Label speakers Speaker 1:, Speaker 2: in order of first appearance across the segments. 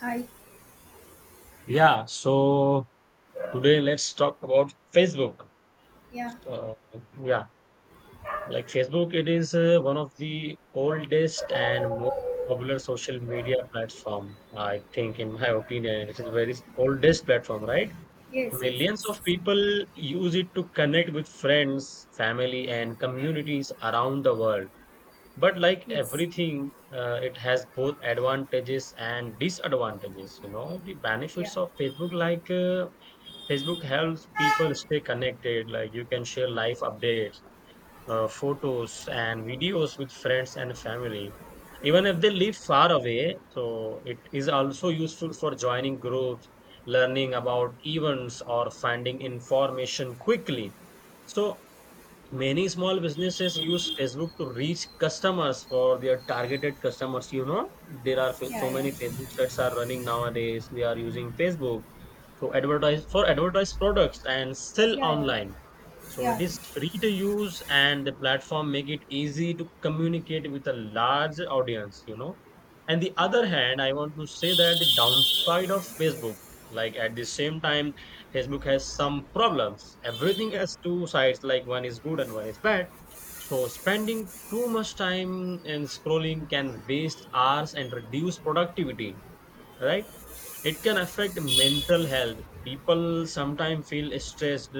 Speaker 1: Hi.
Speaker 2: Yeah, so today let's talk about Facebook.
Speaker 1: Yeah.
Speaker 2: Uh, yeah, like Facebook, it is one of the oldest and most popular social media platform. I think, in my opinion, it is very oldest platform, right?
Speaker 1: Yes, yes,
Speaker 2: Millions
Speaker 1: yes.
Speaker 2: of people use it to connect with friends, family, and communities around the world. But like
Speaker 1: Yes.
Speaker 2: everything, it has both advantages and disadvantages. You know, the
Speaker 1: Yeah.
Speaker 2: benefits of Facebook. Facebook helps people stay connected. Like you can share life updates, photos, and videos with friends and family, even if they live far away. So it is also useful for joining groups, learning about events, or finding information quickly. So many small businesses use Facebook to reach customers for their targeted customers. You know, there
Speaker 1: Yeah,
Speaker 2: so many
Speaker 1: yeah.
Speaker 2: Facebook sets are running nowadays. We are using Facebook so advertise for advertised products and sell
Speaker 1: Yeah,
Speaker 2: online.
Speaker 1: yeah.
Speaker 2: So it is
Speaker 1: Yeah.
Speaker 2: free to use and the platform make it easy to communicate with a large audience, you know. And the
Speaker 1: Yeah,
Speaker 2: other
Speaker 1: yeah.
Speaker 2: hand, I want to say that the downside of Facebook, like at the same time, Facebook has some problems. Everything has two sides, like one is good and one is bad. So spending too much time in scrolling can waste hours and reduce productivity, right? It can affect mental health. People sometimes feel stressed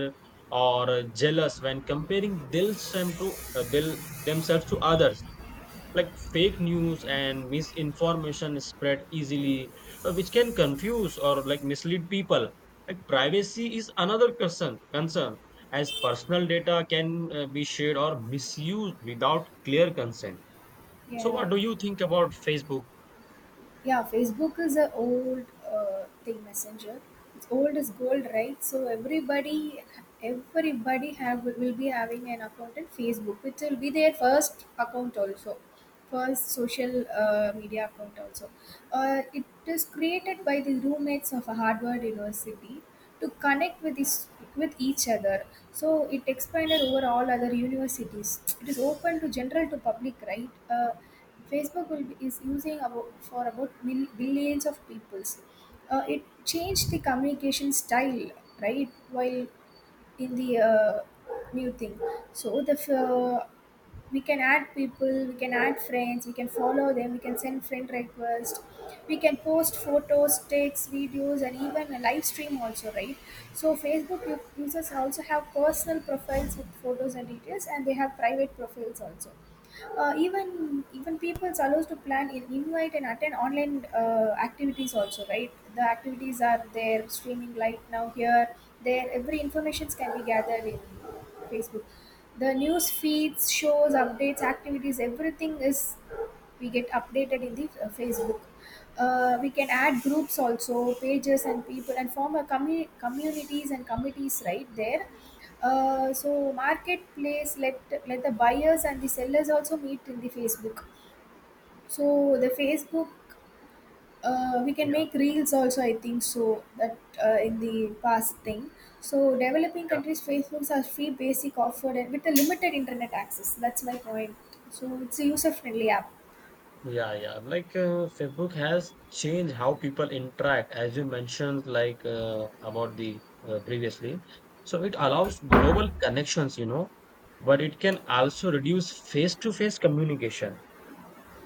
Speaker 2: or jealous when comparing themselves to others. Like fake news and misinformation spread easily, which can confuse or like mislead people. Like privacy is another concern, as personal data can be shared or misused without clear consent. So
Speaker 1: Yeah.
Speaker 2: what do you think about Facebook?
Speaker 1: Yeah, facebook is an old thing, messenger. It's old as gold, right? So everybody have, will be having an account in facebook, which will be their first account also, first social media account also. It is created by the roommates of a harvard university to connect with this with each other. So it expanded over all other universities. It is open to general to public, right? Facebook will be, is using about, for about billions of peoples. It changed the communication style, right? While in the new thing, so we can add people, we can add friends, we can follow them, we can send friend requests, we can post photos, texts, videos, and even a live stream also, right? So users also have personal profiles with photos and details, and they have private profiles also. Even people are allowed to plan in invite and attend online activities also, right? The activities are there streaming right now here. There, every informations can be gathered in Facebook. The news feeds, shows, updates, activities, everything is we get updated in the facebook. We can add groups also, pages and people, and form a communities and committees right there. So marketplace, let the buyers and the sellers also meet in the facebook. So the facebook, we can
Speaker 2: yeah
Speaker 1: make reels also, I think, so that in the past thing, so developing
Speaker 2: yeah.
Speaker 1: countries facebooks are free basic offered and with a limited internet access. That's my point. So it's a user friendly app.
Speaker 2: Yeah, yeah. Like Facebook has changed how people interact, as you mentioned, like about the previously. So it allows global connections, you know, but it can also reduce face-to-face communication,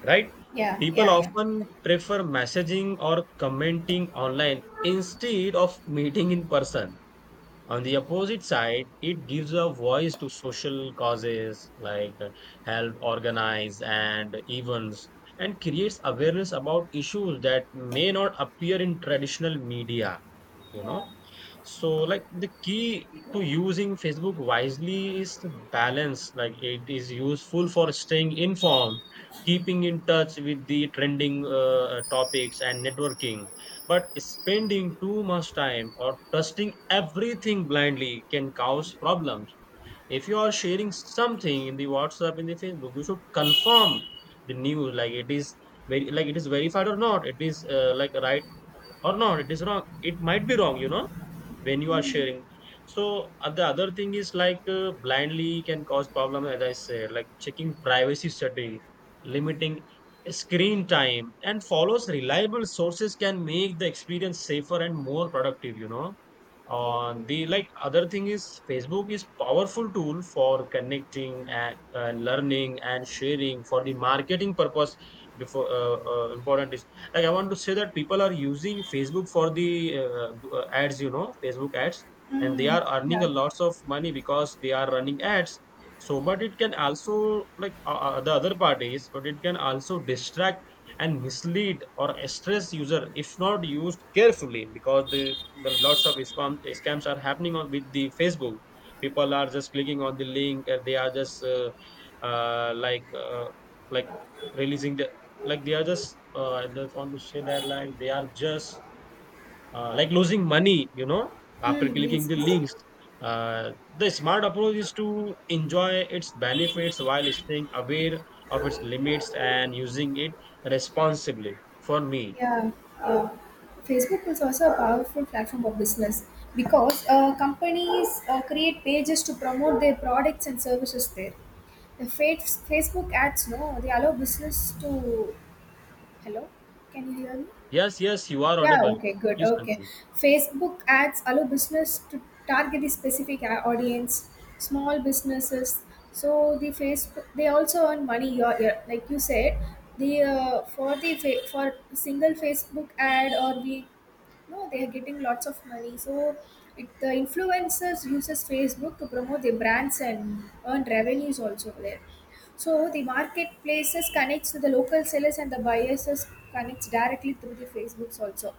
Speaker 2: right?
Speaker 1: Yeah,
Speaker 2: People
Speaker 1: yeah, yeah.
Speaker 2: often prefer messaging or commenting online instead of meeting in person. On the opposite side, it gives a voice to social causes like help organize and events, and creates awareness about issues that may not appear in traditional media, you
Speaker 1: Yeah,
Speaker 2: know. So, like the key to using Facebook wisely is the balance. Like it is useful for staying informed, keeping in touch with the trending topics and networking. But spending too much time or trusting everything blindly can cause problems. If you are sharing something in the WhatsApp in the Facebook, you should confirm the news. Like it is very, like it is verified or not. It is like right or not? It is wrong. It might be wrong, you know, when you are sharing. So the other thing is like blindly can cause problem, as I said, like checking privacy setting, limiting screen time, and follows reliable sources can make the experience safer and more productive, you know.
Speaker 1: yeah,
Speaker 2: On the
Speaker 1: yeah, yeah.
Speaker 2: like other thing is Facebook is powerful tool for connecting and learning and sharing for the marketing purpose. Before Important is like I want to say that people are using Facebook for the ads, you know, Facebook ads, and they
Speaker 1: Mm,
Speaker 2: are earning
Speaker 1: yeah.
Speaker 2: a lots of money because they are running ads. So, but it can also like the other part is, but it can also distract and mislead or stress user if not used carefully, because the lots of scam, scams are happening on with the Facebook. People are just clicking on the link and they are just uh, like uh, like releasing the like they are just I just want to say that like they are just like losing money, you know, after
Speaker 1: Mm,
Speaker 2: clicking
Speaker 1: yes,
Speaker 2: the
Speaker 1: yes.
Speaker 2: links. Uh, the smart approach is to enjoy its benefits while staying aware of its limits and using it responsibly for me.
Speaker 1: Yeah, yeah. Facebook is also a powerful platform for business, because companies create pages to promote their products and services there. The fa- Facebook ads, no, they allow business to. Hello, can you hear me?
Speaker 2: Yes, yes, you are
Speaker 1: Yeah,
Speaker 2: audible,
Speaker 1: okay, good.
Speaker 2: please
Speaker 1: Okay.
Speaker 2: continue.
Speaker 1: Facebook ads allow business to target the specific audience, small businesses. So the Facebook, they also earn money. Like you said, the for for single Facebook ad or we no, they are getting lots of money. So it, the influencers uses Facebook to promote their brands and earn revenues also there. So the marketplaces connects to the local sellers, and the buyers is connects directly through the Facebooks also.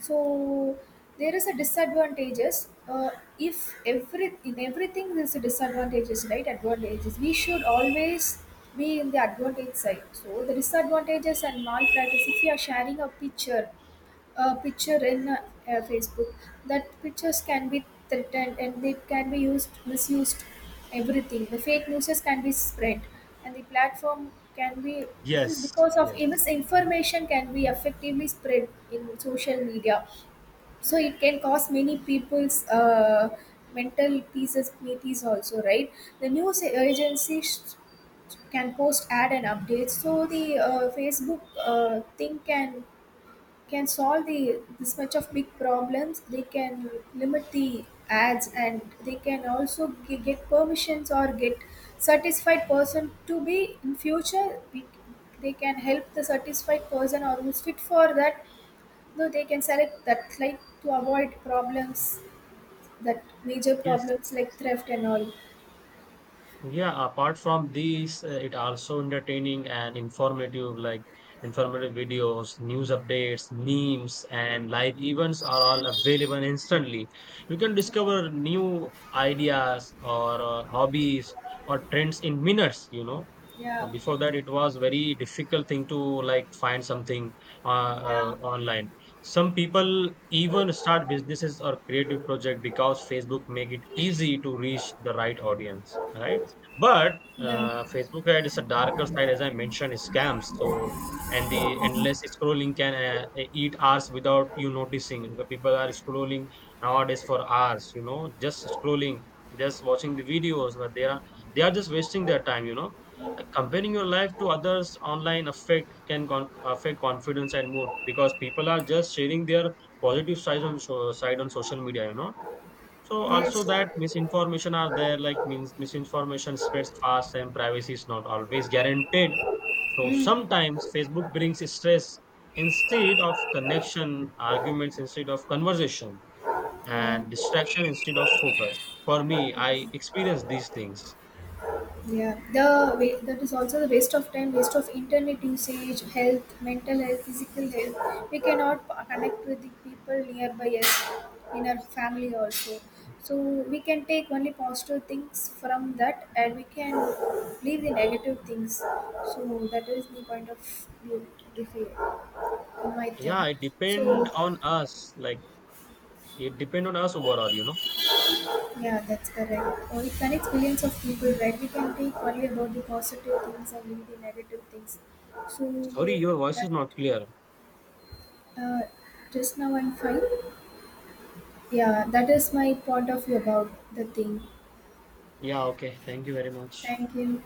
Speaker 1: So there is a disadvantages. If every in everything there's a disadvantages, right? Advantages. We should always be in the advantage side. So the disadvantages and malpractice. If you are sharing a picture in Facebook, that pictures can be threatened and they can be used, misused, everything. The fake news can be spread, and the platform can be. This is
Speaker 2: Yes,
Speaker 1: because of
Speaker 2: yes,
Speaker 1: misinformation can be effectively spread in social media, so it can cause many people's. Mental pieces also, right? The news agencies can post ad and updates, so the facebook thing can solve the this much of big problems. They can limit the ads, and they can also get permissions or get satisfied person to be in future we, they can help the satisfied person or who's fit for that though. They can select that, like to avoid problems, that major
Speaker 2: yes.
Speaker 1: problems like theft and all.
Speaker 2: Yeah, apart from these, it also entertaining and informative, like informative videos, news updates, memes, and live events are all available instantly. You can discover new ideas or hobbies or trends in minutes, you know.
Speaker 1: Yeah,
Speaker 2: Before that it was very difficult thing to like find something
Speaker 1: yeah,
Speaker 2: online. Some people even start businesses or creative project because Facebook make it easy to reach the right audience, right? But
Speaker 1: yeah.
Speaker 2: Facebook ad is a darker side, as I mentioned is scams. So and the endless scrolling can eat hours without you noticing. The people are scrolling nowadays for hours, you know, just scrolling, just watching the videos, but they are, they are just wasting their time, you know, like, comparing your life to others online affect affect confidence and mood, because people are just sharing their positive sides on so- side on social media. You know, so also
Speaker 1: Yes.
Speaker 2: that misinformation are there. Like means misinformation spreads fast and privacy is not always guaranteed. So sometimes Facebook brings stress instead of connection, arguments instead of conversation,
Speaker 1: Yeah.
Speaker 2: and distraction instead of focus. For me, I experience these things.
Speaker 1: Yeah, that is also the waste of time, waste of internet usage, health, mental health, physical health. We cannot connect with the people nearby us, in our family also. So we can take only positive things from that, and we can leave the negative things. So that is the point of view, if you- in my
Speaker 2: Yeah,
Speaker 1: thing.
Speaker 2: it
Speaker 1: So
Speaker 2: depend on us. Like it depend on us overall, you know.
Speaker 1: yeah, that's correct. It connects billions of people, right? We can think only about the positive things and leave the negative things. So
Speaker 2: Sorry, your voice is
Speaker 1: that
Speaker 2: not clear.
Speaker 1: uh, just now I'm fine. Yeah, that is my point of view about the thing.
Speaker 2: Yeah, okay. Thank you very much.
Speaker 1: Thank you.